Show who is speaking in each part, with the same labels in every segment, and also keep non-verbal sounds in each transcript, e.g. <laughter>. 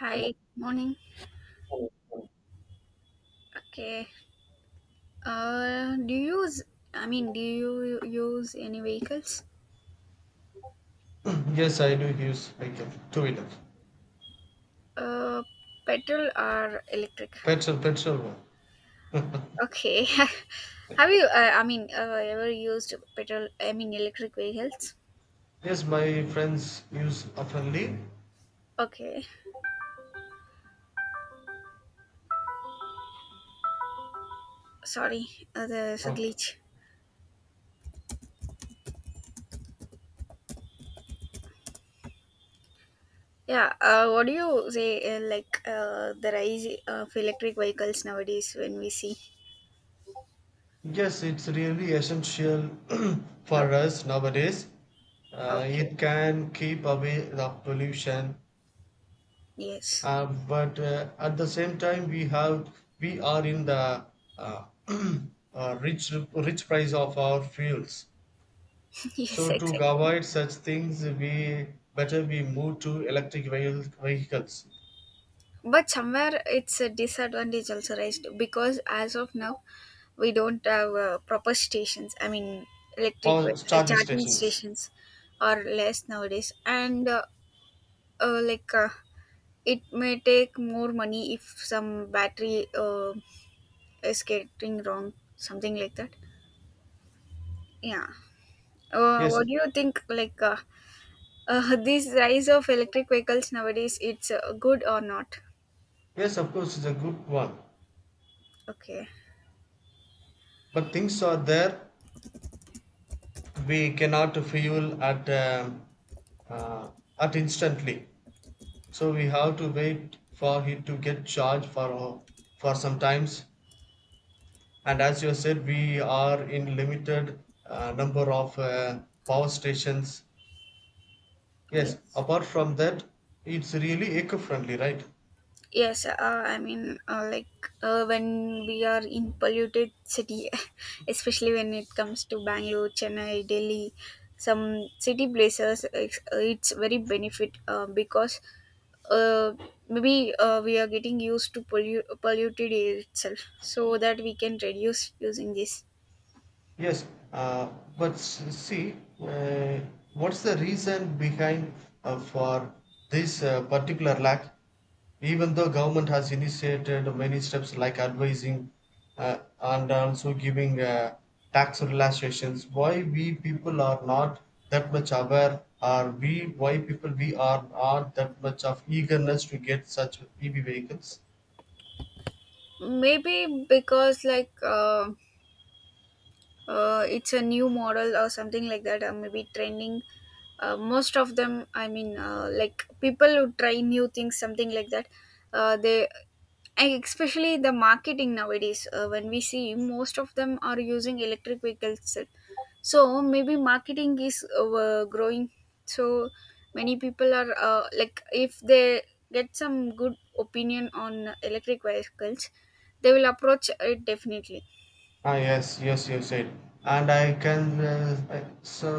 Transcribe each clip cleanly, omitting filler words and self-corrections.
Speaker 1: Hi, morning. Okay. Do you use? I mean, do you use any vehicles?
Speaker 2: Yes, I do use vehicle, two wheeler.
Speaker 1: Uh, Petrol or electric?
Speaker 2: Petrol one.
Speaker 1: Okay. <laughs> Have you? Ever used petrol? I mean, electric vehicles?
Speaker 2: Yes, my friends use oftenly.
Speaker 1: Okay. Sorry, there's a
Speaker 2: Uh,
Speaker 1: glitch. Yeah. What do you say? The rise of electric vehicles nowadays when we see?
Speaker 2: Yes, it's really essential <clears throat> for
Speaker 1: Okay.
Speaker 2: us nowadays.
Speaker 1: Okay.
Speaker 2: It can keep away the pollution,
Speaker 1: Yes.
Speaker 2: but at the same time, we are in the uh, <clears throat> rich price of our fuels.
Speaker 1: <laughs> Yes.
Speaker 2: So to
Speaker 1: Exactly.
Speaker 2: avoid such things, we better we move to electric vehicles
Speaker 1: But somewhere it's a disadvantage also raised because as of now we don't have proper stations, I mean electric
Speaker 2: or charging
Speaker 1: charging
Speaker 2: stations.
Speaker 1: stations are less nowadays, and uh, like uh, it may take more money if some battery is getting wrong, something like that. Yeah.
Speaker 2: Yes,
Speaker 1: What do you think, this rise of electric vehicles nowadays, it's good or not?
Speaker 2: yes, of course, it's a good one.
Speaker 1: Okay.
Speaker 2: But things are there. We cannot fuel uh, at instantly. So we have to wait for it to get charged for some times. And as you said, we are in limited number of power stations. Yes,
Speaker 1: Yes.
Speaker 2: apart from that, it's really eco-friendly, right?
Speaker 1: Yes, like when we are in polluted city, <laughs> especially when it comes to Bangalore, Chennai, Delhi, some city places, it's very benefit because uh, maybe we are getting used to polluted air itself, so that we can reduce using this.
Speaker 2: Yes, uh, but s- see, uh, what's the reason behind for this particular lack? Even though government has initiated many steps like advising and also giving tax relaxations, why we people are not that much aware, or we why people we are not that much of eagerness to get such EV vehicles?
Speaker 1: Maybe because it's a new model or something like that, or maybe trending. Most of them, like, people who try new things, something like that, they, and especially the marketing nowadays, when we see most of them are using electric vehicles itself. So maybe marketing is growing, so many people are like, if they get some good opinion on electric vehicles, they will approach it definitely.
Speaker 2: Ah yes, yes, you said. And I can I- so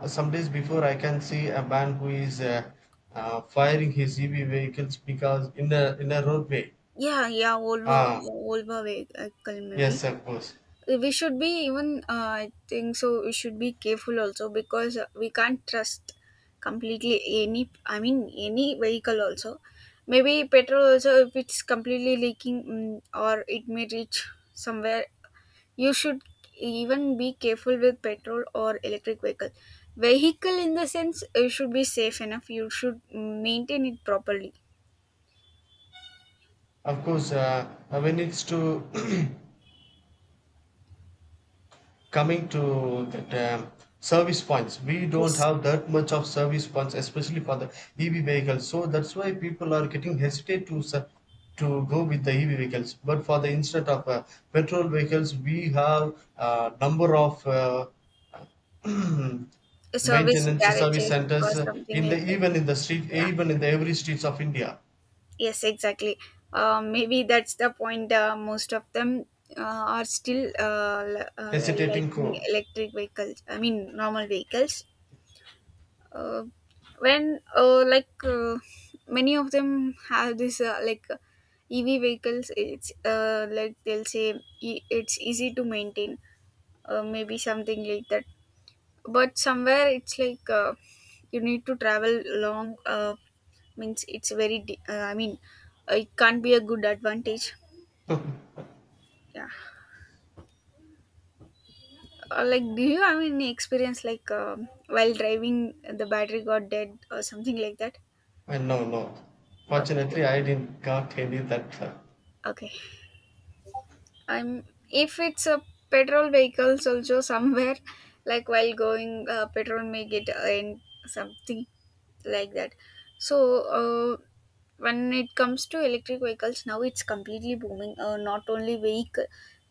Speaker 2: some days before I can see a man who is firing his EV vehicles because in a roadway.
Speaker 1: Yeah. Volvo,
Speaker 2: Ah
Speaker 1: volvo vehicle maybe.
Speaker 2: yes, of course,
Speaker 1: We should be even I think so, we should be careful also because we can't trust completely any, I mean, any vehicle also. Maybe petrol also, if it's completely leaking, or it may reach somewhere. You should even be careful with petrol or electric vehicle. In the sense, it should be safe enough, you should maintain it properly.
Speaker 2: of course. When it's to <clears throat> coming to that service points, we don't
Speaker 1: Yes,
Speaker 2: have that much of service points, especially for the EV vehicles. So that's why people are getting hesitate to to go with the EV vehicles. But for the instead of petrol vehicles, we have number of <clears throat>
Speaker 1: service
Speaker 2: maintenance service
Speaker 1: garages or
Speaker 2: centers,
Speaker 1: something
Speaker 2: in the
Speaker 1: like that.
Speaker 2: even in the street even
Speaker 1: Yeah.
Speaker 2: in the every streets of India.
Speaker 1: Yes, exactly. Maybe that's the point. Most of them are still
Speaker 2: Hesitating
Speaker 1: liking
Speaker 2: crew.
Speaker 1: electric vehicles. I mean, normal vehicles. Uh, when like Many of them have this EV vehicles. It's like they'll say it's easy to maintain. Maybe something like that, but somewhere it's like you need to travel long, means it's very I mean, it can't be a good advantage. Yeah. Do you have any experience like while driving, the battery got dead or something like that?
Speaker 2: And no,
Speaker 1: Okay.
Speaker 2: fortunately I didn't got any that
Speaker 1: Okay. I'm, if it's a petrol vehicles also somewhere, <laughs> like while going, petrol may get in something like that. So when it comes to electric vehicles now, it's completely booming. Not only vehicle,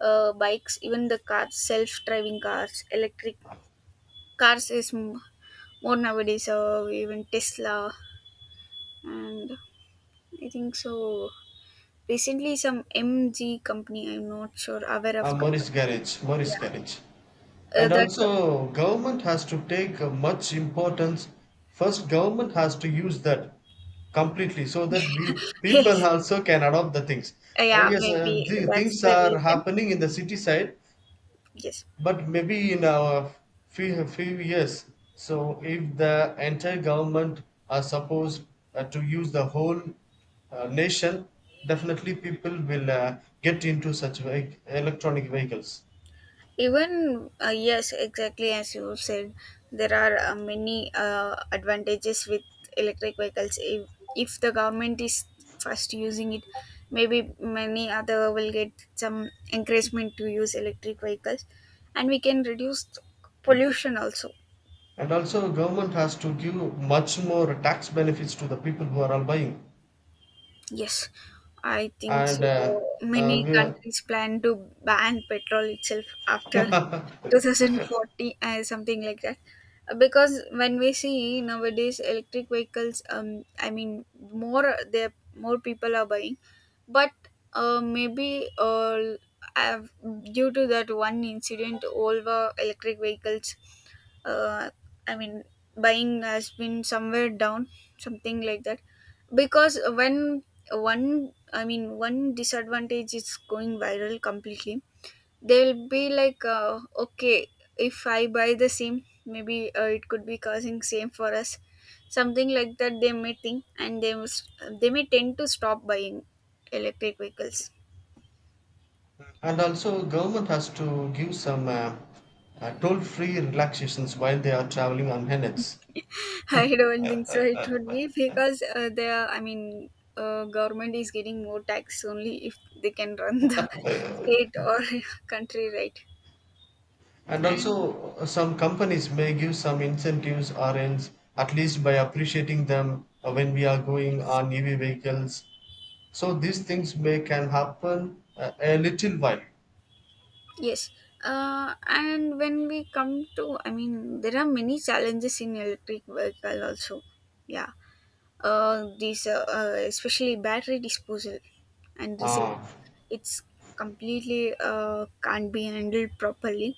Speaker 1: bikes, even the cars, self-driving cars, electric cars more nowadays. Even Tesla, and I think so recently some MG company, I'm not sure aware of
Speaker 2: Morris
Speaker 1: company name.
Speaker 2: garage, Morris
Speaker 1: Yeah,
Speaker 2: garage. And
Speaker 1: that's,
Speaker 2: also government has to take a much importance. First government has to use that completely, so that we
Speaker 1: <laughs>
Speaker 2: people
Speaker 1: yes,
Speaker 2: also can adopt the things. I
Speaker 1: yeah,
Speaker 2: guess
Speaker 1: maybe
Speaker 2: the
Speaker 1: that's
Speaker 2: things
Speaker 1: the
Speaker 2: are
Speaker 1: reason.
Speaker 2: happening in the city side,
Speaker 1: Yes,
Speaker 2: but maybe in our few years, so if the entire government are supposed to use the whole nation, definitely people will get into such electronic vehicles.
Speaker 1: even yes, exactly as you said, there are many advantages with electric vehicles, if the government is first using it, maybe many other will get some encouragement to use electric vehicles, and we can reduce pollution also.
Speaker 2: And also government has to give much more tax benefits to the people who are all buying.
Speaker 1: Yes, I think so.
Speaker 2: And
Speaker 1: Many
Speaker 2: we are
Speaker 1: countries plan to ban petrol itself after
Speaker 2: <laughs>
Speaker 1: 2040 and something like that. Because when we see nowadays electric vehicles, I mean, more people are buying, but uh, maybe uh, I've- due to that one incident, all the electric vehicles, uh, I mean, buying has been somewhere down, something like that. Because when one, I mean, one disadvantage is going viral completely, they'll be like, okay, if I buy the same, maybe it could be causing same for us, something like that. They may think, and they must, they may tend to stop buying electric vehicles.
Speaker 2: And also government has to give some toll-free relaxations while they are traveling on NX.
Speaker 1: <laughs> I don't think so. It would be because they are, I mean, government is getting more tax only if they can run the <laughs> state or <laughs> country, right?
Speaker 2: And
Speaker 1: And
Speaker 2: also some companies may give some incentives, or else at least by appreciating them when we are going on EV vehicles. So these things may can happen a little while.
Speaker 1: yes, and when we come to, I mean, there are many challenges in electric vehicle also. Yeah, these especially battery disposal and recycling.
Speaker 2: Ah.
Speaker 1: It's completely can't be handled properly.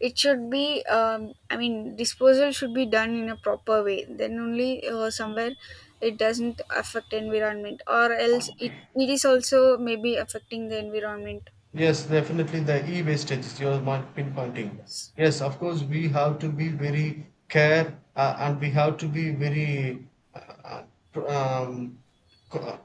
Speaker 1: It should be, I mean, disposal should be done in a proper way. Then only somewhere it doesn't affect environment, or else it is also maybe affecting the environment.
Speaker 2: Yes, definitely the e-wastage is your mark pinpointing.
Speaker 1: It's
Speaker 2: Yes, of course we have to be very care, and we have to be very uh, um, co-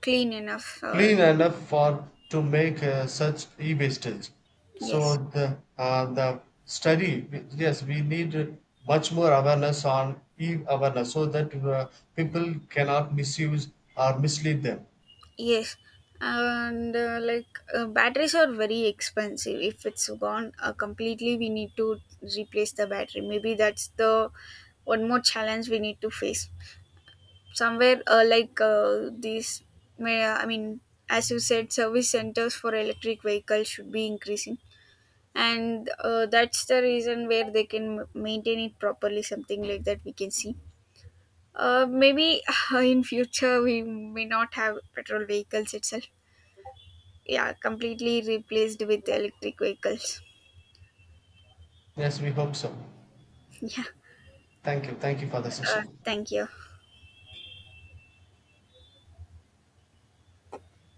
Speaker 1: clean enough, or
Speaker 2: clean enough for to make such e-wastage. So
Speaker 1: yes,
Speaker 2: the study, yes, we need much more awareness on e-awareness, so that people cannot misuse or mislead them.
Speaker 1: yes. And batteries are very expensive. If it's gone completely, we need to replace the battery. Maybe that's the one more challenge we need to face. Somewhere these may, I mean, as you said, service centers for electric vehicles should be increasing, and that's the reason where they can maintain it properly, something like that, we can see maybe <laughs> in future we may not have petrol vehicles itself. Yeah, completely replaced with electric vehicles.
Speaker 2: Yes, we hope so.
Speaker 1: <laughs> Yeah,
Speaker 2: Thank you. Thank you for the session.
Speaker 1: thank you.